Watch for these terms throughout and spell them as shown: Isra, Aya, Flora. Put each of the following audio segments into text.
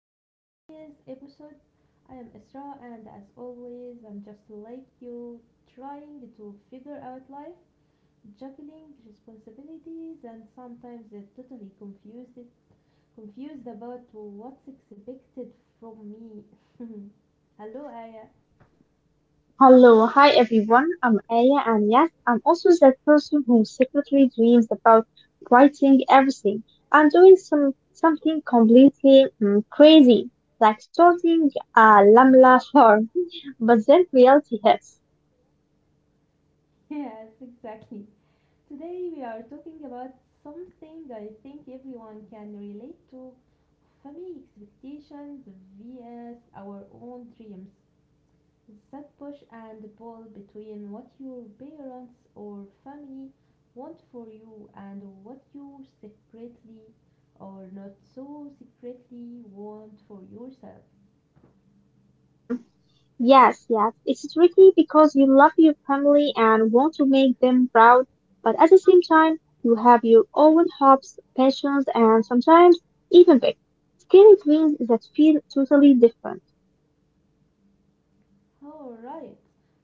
to today's episode. I am Isra, and as always, I'm just like you, trying to figure out life, juggling responsibilities, and sometimes totally confused about what's expected from me. Hello, Aya. Hello, hi everyone. I'm Aya, and yes, I'm also that person who secretly dreams about writing everything and doing something completely crazy, like starting a lamla farm. But then reality hits. Yes, exactly. Today we are talking about something I think everyone can relate to family expectations vs our own dreams. That push and pull between what your parents or family want for you and what you secretly or not so secretly want for yourself. Mm, Yes, yes, it's tricky because you love your family and want to make them proud, but at the same time, you have your own hopes, passions, and sometimes even big, scary dreams that feel totally different. All right.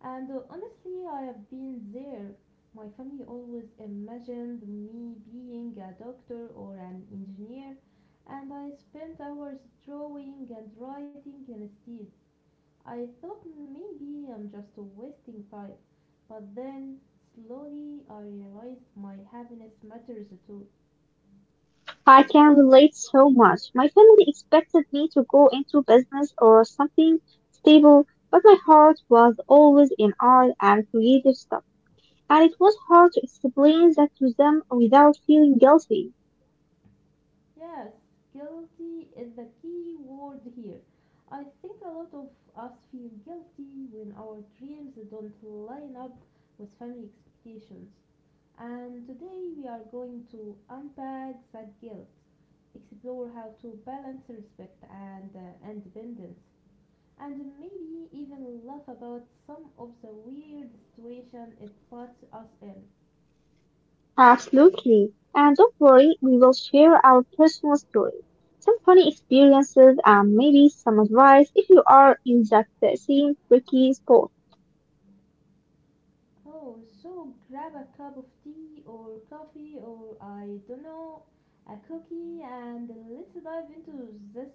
And Honestly, I have been there. My family always imagined me being a doctor or an engineer, and I spent hours drawing and writing instead. I thought maybe I'm just wasting time, but then slowly I realized my happiness matters too. I can relate so much. My family expected me to go into business or something stable, but my heart was always in art and creative stuff, and it was hard to explain that to them without feeling guilty. Yes, guilty is the key word here. I think a lot of us feel guilty when our dreams don't line up with family expectations. And today we are going to unpack that guilt, explore how to balance respect and independence, and maybe even laugh about some of the weird situation it puts us in. Absolutely. And don't worry, we will share our personal stories, some funny experiences, and maybe some advice if you are in that same tricky spot. Oh, so grab a cup of tea or coffee or I don't know, a cookie and let's dive into this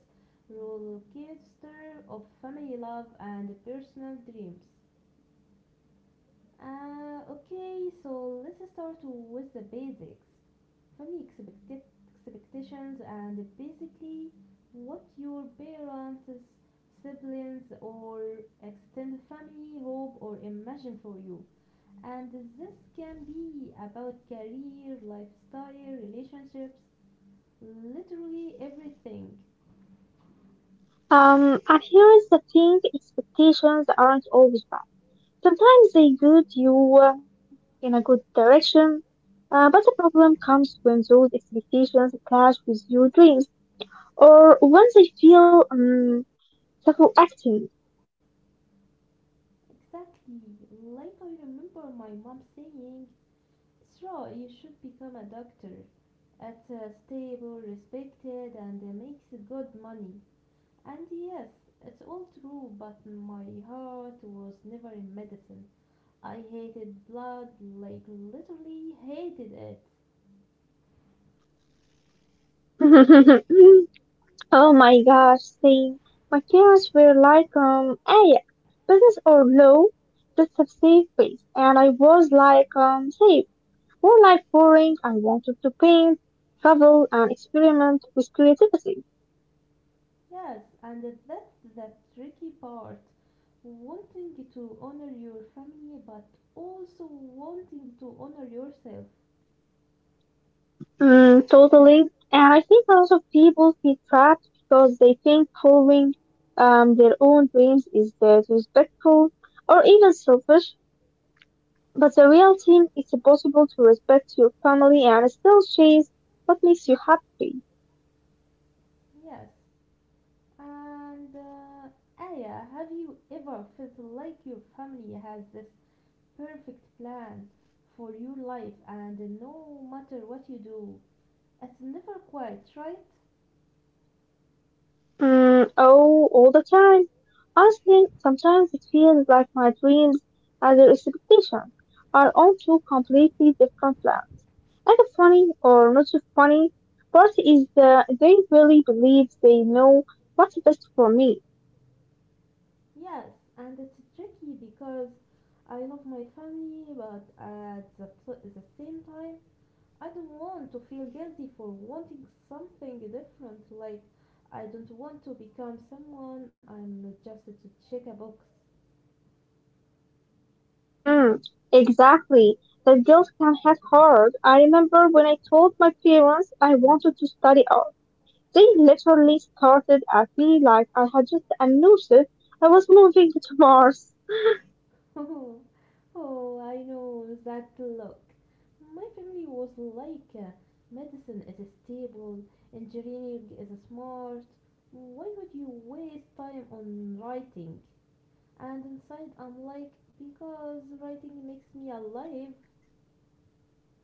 rollercoaster of family love and personal dreams. Okay, so let's start with the basics. Family expected expectations and basically what your parents, siblings or extended family hope or imagine for you and this can be about career, lifestyle, relationships, literally everything. And here is the thing, expectations aren't always bad. Sometimes they guide you in a good direction, but the problem comes when those expectations clash with your dreams or when they feel acting. Exactly. Like I remember my mom saying, Sra, you should become a doctor. It's stable, respected, and makes good money. And yes, it's all true, but my heart was never in medicine. I hated blood, like literally hated it. Oh my gosh, same. My parents were like, hey, business or low, just have safe space. And I was like, safe. More like boring, I wanted to paint, travel, and experiment with creativity. Yes, and that's the tricky part. Wanting to honor your family, but also wanting to honor yourself. Totally. And I think a lot of people feel trapped because they think following their own dreams is disrespectful or even selfish. But the reality, it's possible to respect your family and still chase what makes you happy. Yes. And Aya, have you ever felt like your family has this perfect plan for your life and no matter what you do, it's never quite right? Mm, oh, all the time. Honestly, sometimes it feels like my dreams and their expectations are on two completely different plans. Another funny, or not so funny, part is that they really believe they know what's best for me. Yes, and it's tricky because I love my family, but at the same time, I don't want to feel guilty for wanting something different. Like, I don't want to become someone I'm not just to check a box. Mm, exactly. That guilt can hit hard. I remember when I told my parents I wanted to study art. They literally started at me like I had just announced it. I was moving to Mars. Oh, oh, I know that look. My family was like, medicine is stable, engineering is smart. Why would you waste time on writing? And inside, I'm like, because writing makes me alive.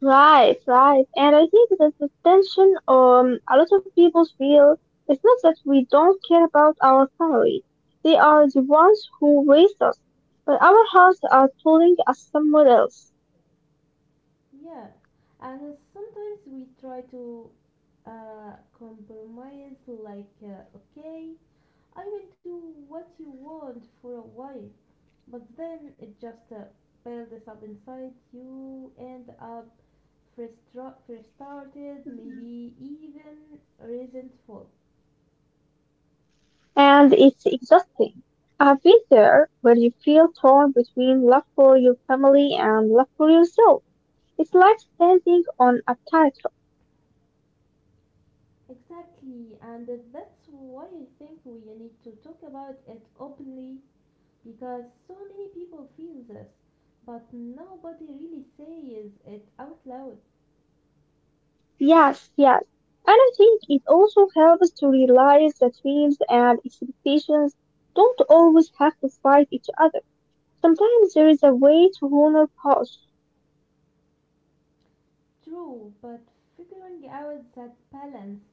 Right, right. And I think that the tension a lot of people feel is not that we don't care about our family. They are the ones who raised us, but our hearts are pulling us somewhere else. Yeah. And sometimes we try to compromise like okay, I will do what you want for a while, but then it just builds up inside, you end up frustrated, Mhm. maybe even resentful. And it's exhausting. I've been there where you feel torn between love for your family and love for yourself. It's like standing on a tightrope. Exactly, and that's why I think we need to talk about it openly because so many people feel this but nobody really says it out loud. Yes, yes. And I think it also helps to realize that dreams and expectations don't always have to fight each other. Sometimes there is a way to honor both. True, but figuring out that balance,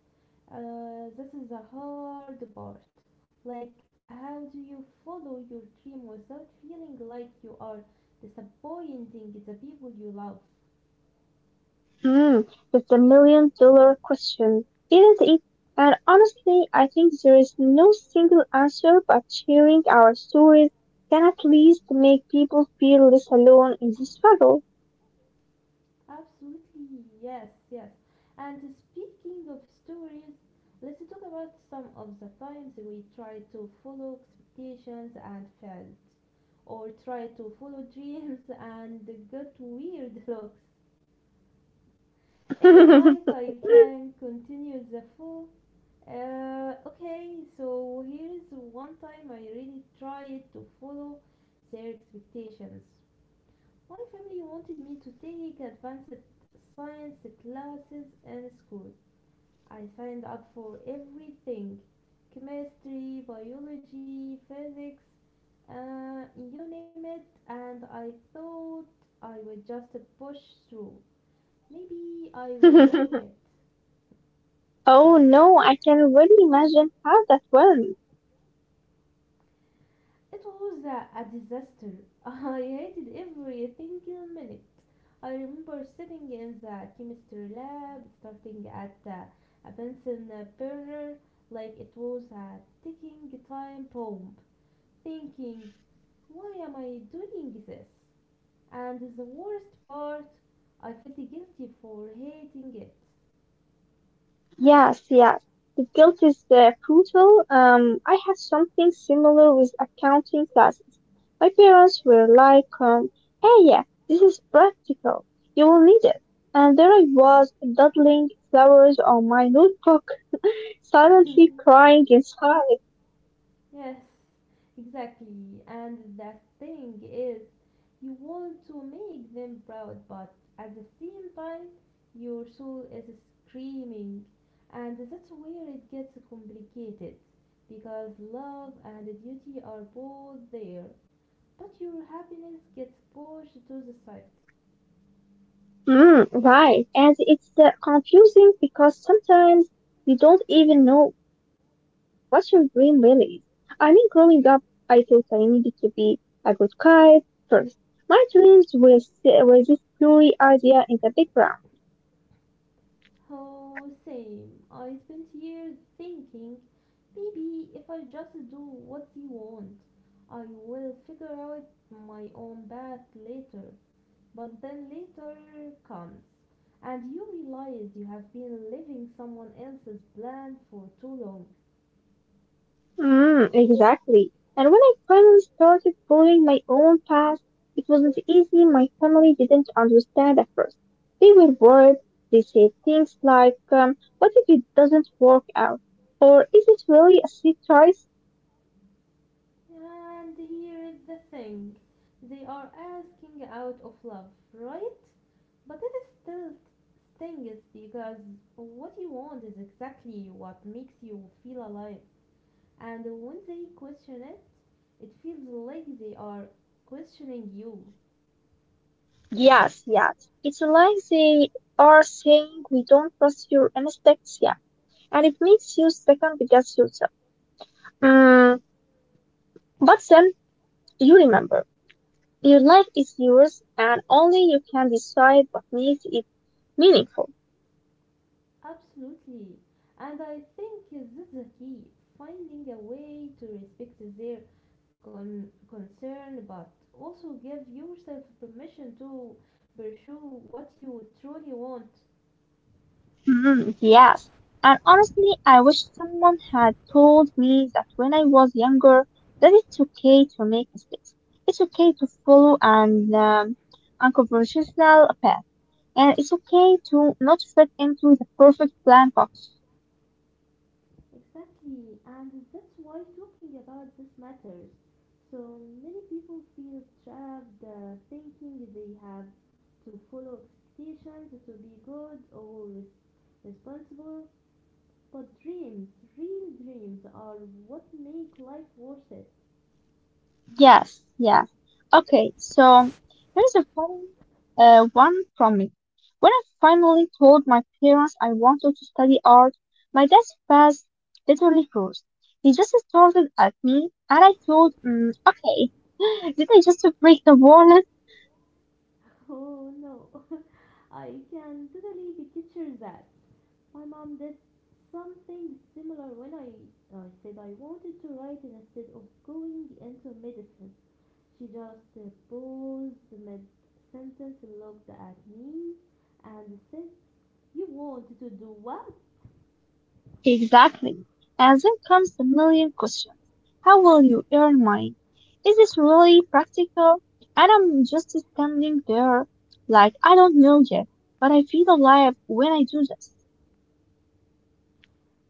this is the hard part. Like, how do you follow your dream without feeling like you are disappointing the people you love? Hmm, that's a million dollar question, isn't it? And honestly, I think there is no single answer, but sharing our stories can at least make people feel less alone in this struggle. Absolutely, yes, yes. And speaking of stories, let's talk about some of the times we try to follow expectations and failed, or try to follow dreams and got weird looks. If you like, I can continue the full. Okay, so here's one time I really tried to follow their expectations. My family wanted me to take advanced science classes in school. I signed up for everything chemistry, biology, physics, you name it, and I thought I would just push through. Maybe I will like it. Oh no, I can really imagine how that went. It was a disaster. I hated every single minute. I remember sitting in the chemistry lab, starting at a Benson burner like it was a ticking time bomb, thinking, why am I doing this? And the worst part, I felt guilty for hating it. Yes, yes. The guilt is brutal. I had something similar with accounting classes. My parents were like, hey, yeah, this is practical. You will need it. And there I was, doodling flowers on my notebook, silently crying inside. Yes, exactly. And the thing is, you want to make them proud, but at the same time, your soul is screaming. And that's where it gets complicated because love and duty are both there, but your happiness gets pushed to the side. Right. And it's confusing because sometimes you don't even know what your dream really is. I mean, growing up, I thought I needed to be a good kite first. My dreams were, were this blurry idea in the background. Oh, same. I spent years thinking maybe if I just do what they want, I will figure out my own path later. But then later comes, and you realize you have been living someone else's plan for too long. Exactly. And when I finally started following my own path, it wasn't easy. My family didn't understand at first. They were worried. They said things like, what if it doesn't work out? Or is it really a safe choice? And here is the thing they are asking out of love, right? But it is still stings because what you want is exactly what makes you feel alive. And when they question it, it feels like they are questioning you. Yes, yes. It's like they are saying we don't trust your instincts yet. And it makes you second guess yourself. Mm, but then you remember. Your life is yours and only you can decide what makes it meaningful. Absolutely. And I think that's the key finding a way to respect their concern but also give yourself permission to pursue what you truly want. Mhm, yes. And honestly, I wish someone had told me that when I was younger, that it's okay to make mistakes. It's okay to follow an unconventional path. And it's okay to not fit into the perfect plan box. Exactly, and that's why talking about this matters. So many people feel trapped thinking they have to follow expectations to be good or responsible, but dreams, real dreams, are what make life worth it. Yes, yes. Okay, so here's a funny one from me. When I finally told my parents I wanted to study art, my dad's face literally froze. He just started at me, and I thought, okay, did I just break the wall? Oh no, I can totally picture that. My mom did something similar when I said I wanted to write instead of going into medicine. She just paused mid sentence, looked at me, and said, You want to do what? Exactly. And then comes the million questions. How will you earn money? Is this really practical? And I'm just standing there like I don't know yet, but I feel alive when I do this.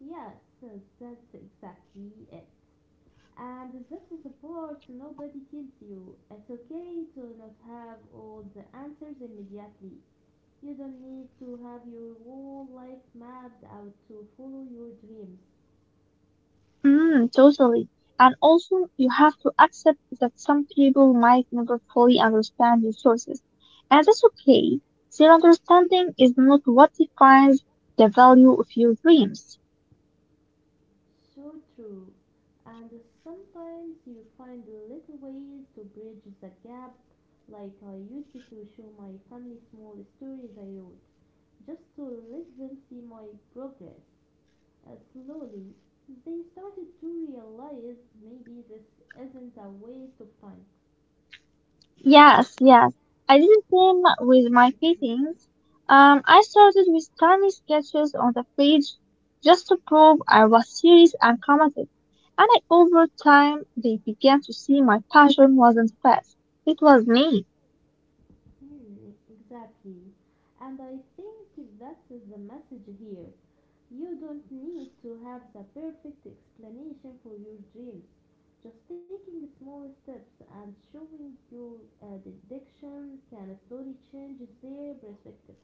Yes, that's exactly it. And this is the part nobody tells you. It's okay to not have all the answers immediately. You don't need to have your whole life mapped out to follow your dreams. Totally. And also, you have to accept that some people might never fully understand your choices. And that's okay. Their understanding is not what defines the value of your dreams. So true. And sometimes you find little ways to bridge the gap, like I used to show my family small stories I wrote, just to let them see my progress. Slowly, they started to realize maybe this isn't a waste of time. Yes, yes. I did the same with my paintings. I started with tiny sketches on the page just to prove I was serious and committed. And I, over time, they began to see my passion wasn't fast. It was me. Hmm, exactly. And I think that's the message here. You don't need to have the perfect explanation for your dreams. Just taking small steps and showing your dedication can slowly change their perspective.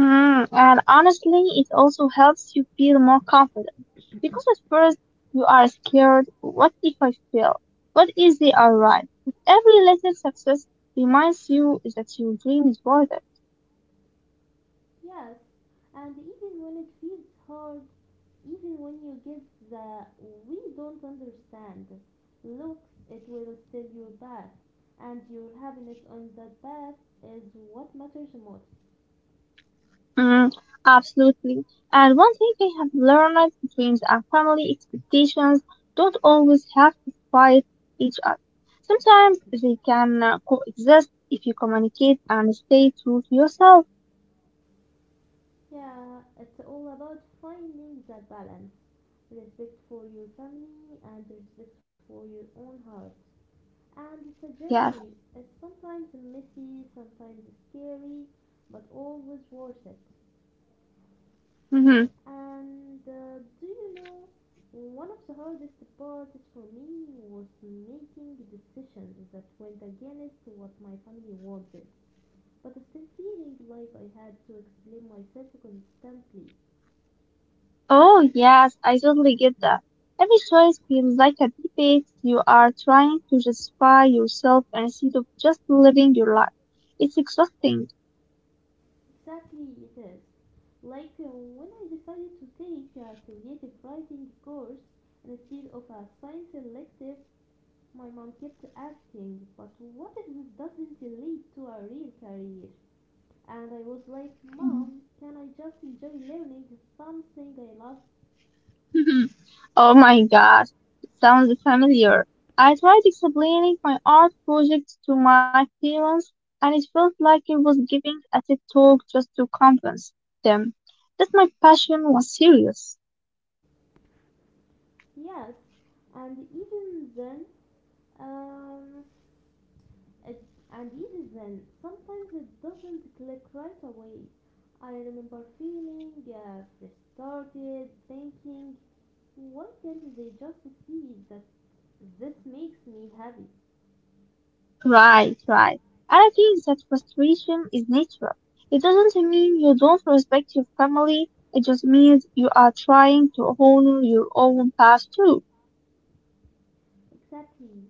And honestly, it also helps you feel more confident. Because at first, you are scared. What if I fail? What if they are right? But every little success reminds you that your dream is worth it. Yes, and even when it feels hard, even when you get the we don't understand looks, it will still your path, and your happiness on that path is what matters most. Mm, Absolutely. And one thing I have learned, dreams and family expectations don't always have to fight each other. Sometimes they can coexist if you communicate and stay true to yourself. Yeah, it's all about finding that balance respect for your family and respect for your own heart. And it's a Yes. journey, it's sometimes messy, sometimes scary, but always worth it. Hmm. And Do you know, one of the hardest parts for me was making decisions that went against what my family wanted, but still feeling like I had to explain myself constantly. Oh, yes, I totally get that. Every choice feels like a debate. You are trying to justify yourself instead of just living your life. It's exhausting. Exactly, it is. Like when I decided to take a creative writing course instead of a science elective, my mom kept asking, but what if this doesn't lead to a real career? And I was like, Mom, can I just enjoy learning something I love? Oh my gosh, it sounds familiar. I tried explaining my art project to my parents, and it felt like I was giving a TED talk just to convince them that my passion was serious. Yes. And even then, um, it, and even then, sometimes it doesn't click right away. I remember feeling frustrated, thinking, why can't they just see that this makes me happy? Right, right. And I think that frustration is natural. It doesn't mean you don't respect your family, it just means you are trying to honor your own past too. Exactly.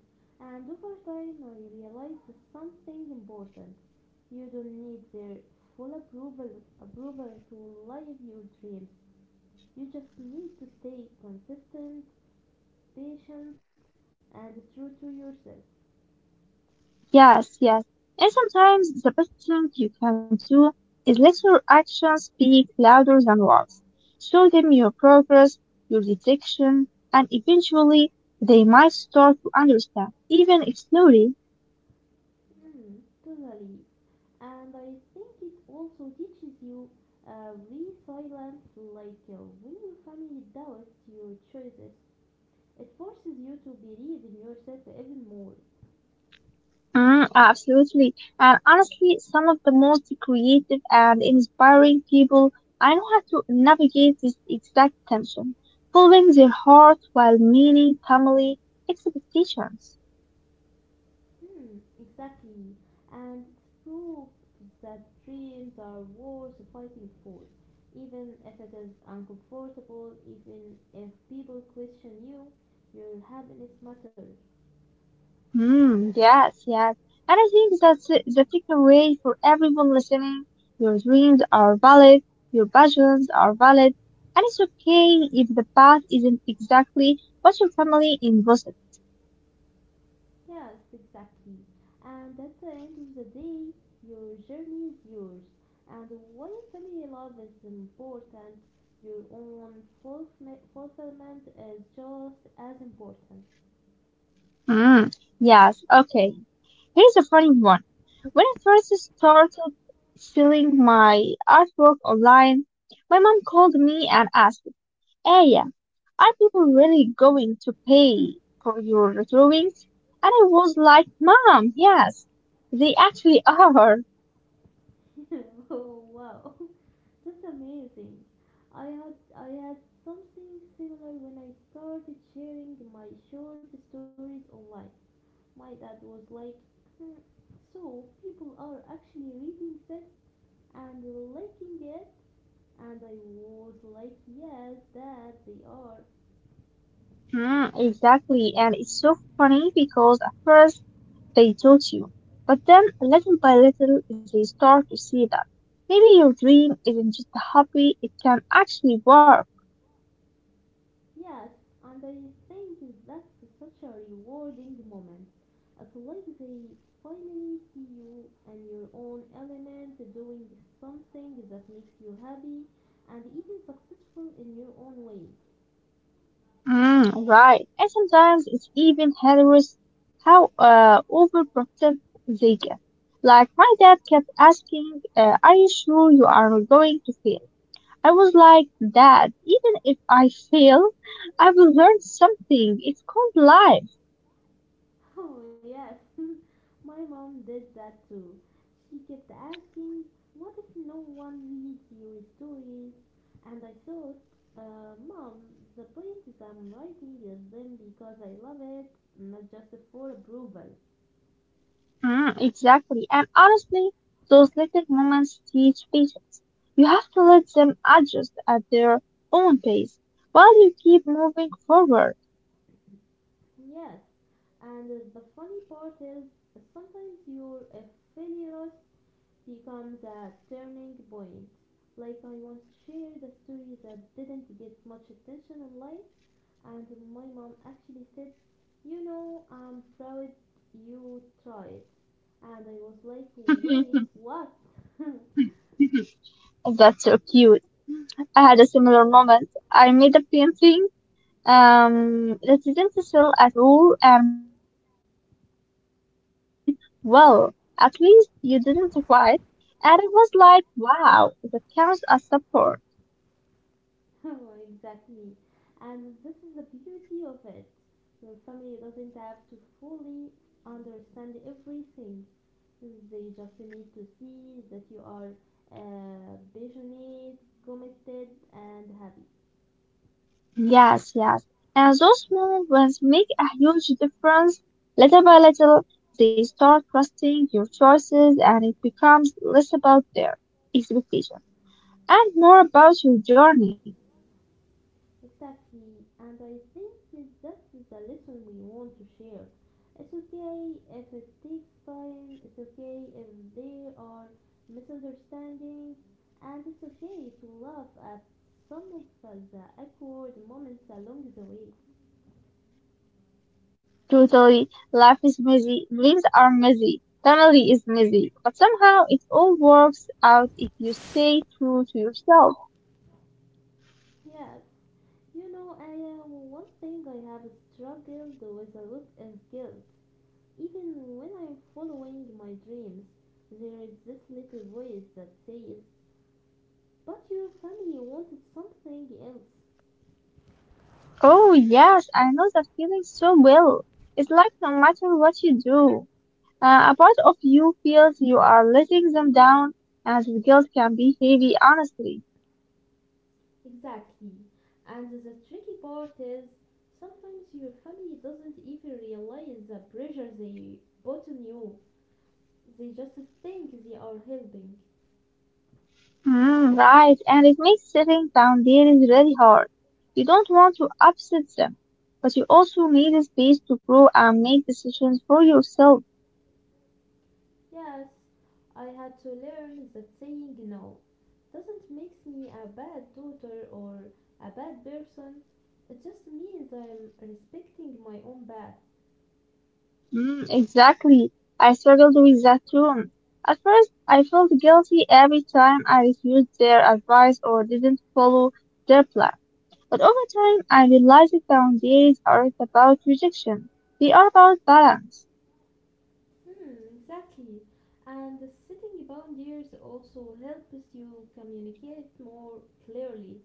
And over time, I realized something important. You don't need their full approval to live your dreams. You just need to stay consistent, patient, and true to yourself. Yes, yes. And sometimes the best thing you can do is let your actions speak louder than words. Show them your progress, your detection, and eventually they might start to understand, even if slowly. Mm, totally. And I think it also teaches you resilience. Like when your family doubts your choices, it forces you to believe in yourself even more. Absolutely. And honestly, some of the most creative and inspiring people I know how to navigate this exact tension, following their heart while meeting family expectations. Hmm, exactly. And it's proves that dreams are worth fighting for, even if it is uncomfortable, even if people question you, your happiness matters. Yes, yes. And I think that's the takeaway for everyone listening. Your dreams are valid, your passions are valid, and it's okay if the path isn't exactly what your family envisioned. Yes, exactly. And at the end of the day, your journey is yours. And while family love is important, your own fulfillment is just as important. Mm, yes, okay. Here's a funny one. When I first started selling my artwork online, my mom called me and asked, hey, are people really going to pay for your drawings? And I was like, Mom, yes, they actually are. Oh wow, that's amazing. I had something similar when I started sharing my short stories online. My dad was like, "Hmm, so people are actually reading this and liking it," and I was like, "Yes, Dad, they are." Hmm, exactly. And it's so funny because at first they taught you, but then little by little they start to see that maybe your dream isn't just a hobby, it can actually work. Yes, and I think that's such a rewarding moment. It's like they finally see you in your own element, doing something that makes you happy and even successful in your own way. Right. And sometimes it's even hilarious how overprotective they get. Like my dad kept asking, "Are you sure you are going to fail?" I was like, "Dad, even if I fail, I will learn something. It's called life." Oh, yes, my mom did that too. She kept asking, What if no one reads your stories? And I thought, Mom, the poems I'm writing is them because I love it, not just for approval. Exactly. And honestly, those little moments teach patience. You have to let them adjust at their own pace while you keep moving forward. Yes, and the funny part is, sometimes your failures becomes a turning point. Like I once shared a story that didn't get much attention online, and my mom actually said, You know, I'm proud you tried. And I was like, Wait, Mhm. what? That's so cute. I had a similar moment. I made a painting that didn't sell at all, and my dad just said, well, at least you didn't cry. And it was like, wow, that counts as support. Oh, exactly. And this is the beauty of it. Your family doesn't have to fully understand everything, they just need to see that you are passionate, committed, and happy. Yes, yes. And those small ones make a huge difference. Little by little, they start trusting your choices, and it becomes less about their expectation and more about your journey. Exactly, and I think that that's the lesson we want to share. It's okay if it takes time, it's okay if there are misunderstandings, and it's okay to laugh at some of the awkward moments along the way. Totally. Life is messy. Dreams are messy. Family is messy. But somehow it all works out if you stay true to yourself. Yes, you know, Aya, one thing I have struggled with a lot is guilt. Even when I'm following my dreams, there is this little voice that says, But your family wanted something else. Oh, yes, I know that feeling so well. It's like no matter what you do, a part of you feels you are letting them down, and the guilt can be heavy, honestly. Exactly. And the tricky part is sometimes your family doesn't even realize the pressure they put on you. They just think they are helping. Right, and it makes setting boundaries really hard. You don't want to upset them but you also need a space to grow and make decisions for yourself. Yes, I had to learn that saying no doesn't make me a bad daughter or a bad person. It just means I'm respecting my own path. Exactly. I struggled with that too. At first, I felt guilty every time I refused their advice or didn't follow their plan. But over time, I realized that boundaries aren't about rejection. They are about balance. Hmm, exactly. And the setting boundaries also helps you communicate more clearly,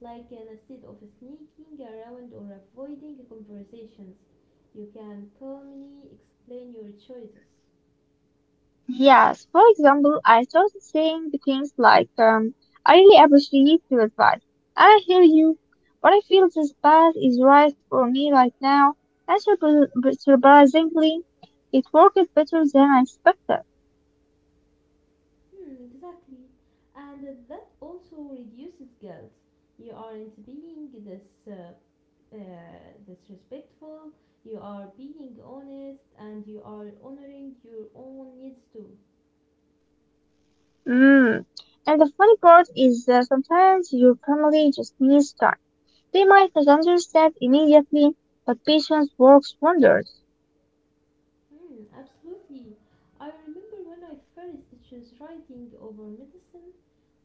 like instead of sneaking around or avoiding conversations, you can calmly explain your choices. Yes, for example, I started saying the things like, I really appreciate your advice. And I hear you, but I feel this path is right for me right now. And surprisingly, it worked better than I expected. Hmm, exactly. And that also reduces guilt. You aren't being this uh, uh, disrespectful. You are being honest, and you are honoring your own needs too. Mm. And the funny part is that sometimes your family just needs time. They might not understand immediately, but patience works wonders. Mm, absolutely. I remember when I first chose writing over medicine,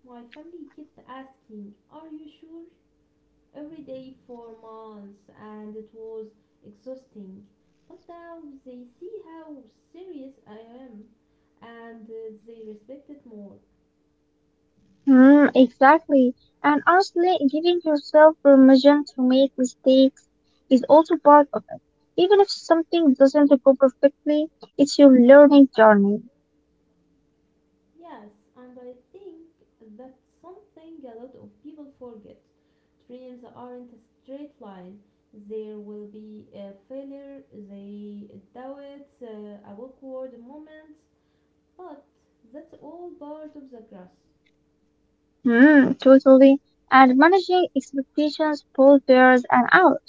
my family kept asking, Are you sure? every day for months, and it was exhausting. But now they see how serious I am, and they respect it more. Exactly. And honestly, giving yourself permission to make mistakes is also part of it. Even if something doesn't go perfectly, it's your learning journey. Yes, and I think that's something a lot of people forget. Dreams aren't a straight line. There will be a failure, they doubts, awkward moments, but that's all part of the grass. Totally. And managing expectations, both bears and out,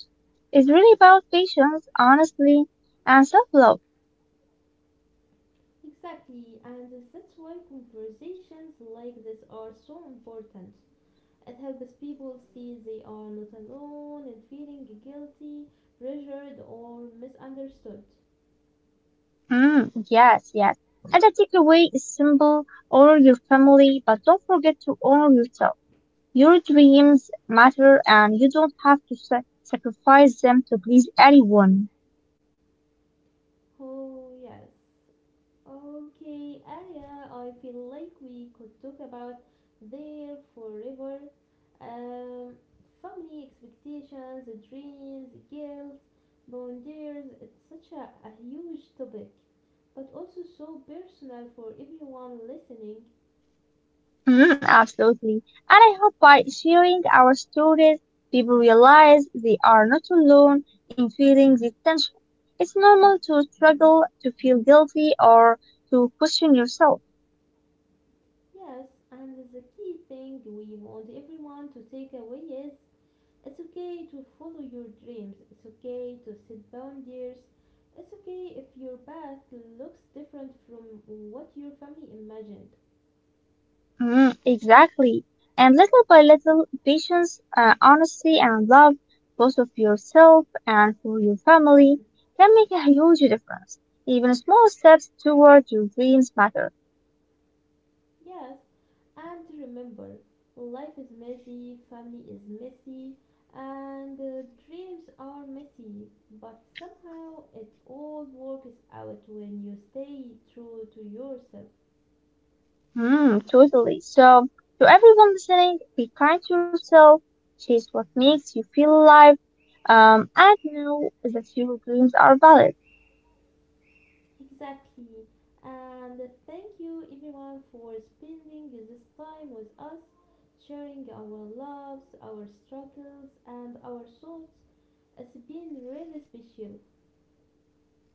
is really about patience, honestly, and self love. Exactly, and that's why conversations like this are so important. It helps people see they are not alone in feeling guilty, pressured, or misunderstood. Yes, yes. And I takeaway is simple, honor your family, but don't forget to honor yourself. Your dreams matter and you don't have to sacrifice them to please anyone. Oh, yes. Okay, Aya, I feel like we could talk about there forever. Um, Family expectations, dreams, guilt, boundaries. It's such a huge topic, but also so personal for everyone listening. Absolutely. And I hope by sharing our stories, people realize they are not alone in feeling this tension. It's normal to struggle, to feel guilty, or to question yourself. Yes, and the key thing we want everyone to take away is it's okay to follow your dreams. It's okay to set boundaries. It's okay if your path looks different from what your family imagined. Exactly. And little by little, patience, honesty, and love, both of yourself and for your family, can make a huge difference. Even small steps toward your dreams matter. Yes, and remember, life is messy, family is messy, and dreams are messy, but somehow it all works out when you stay true to yourself. Totally. So, to everyone listening, be kind to yourself, chase what makes you feel alive, and know that your dreams are valid. Exactly. And thank you everyone for spending this time with us, sharing our loves, our struggles, and our thoughts. It's been really special.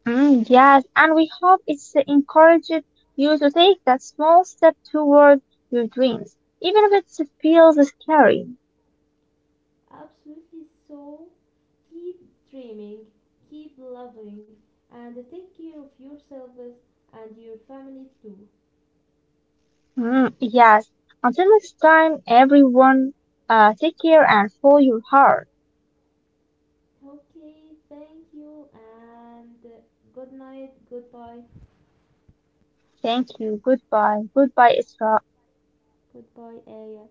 Yes, and we hope it's encouraged you to take that small step toward your dreams, even if it feels scary. Absolutely so. Keep dreaming, keep loving, and take care of yourselves and your families too. Yes, until next time, everyone, take care and follow your heart. Okay, thank you, and good night, goodbye, Thank you. Goodbye. Goodbye, Isra. goodbye, Aya.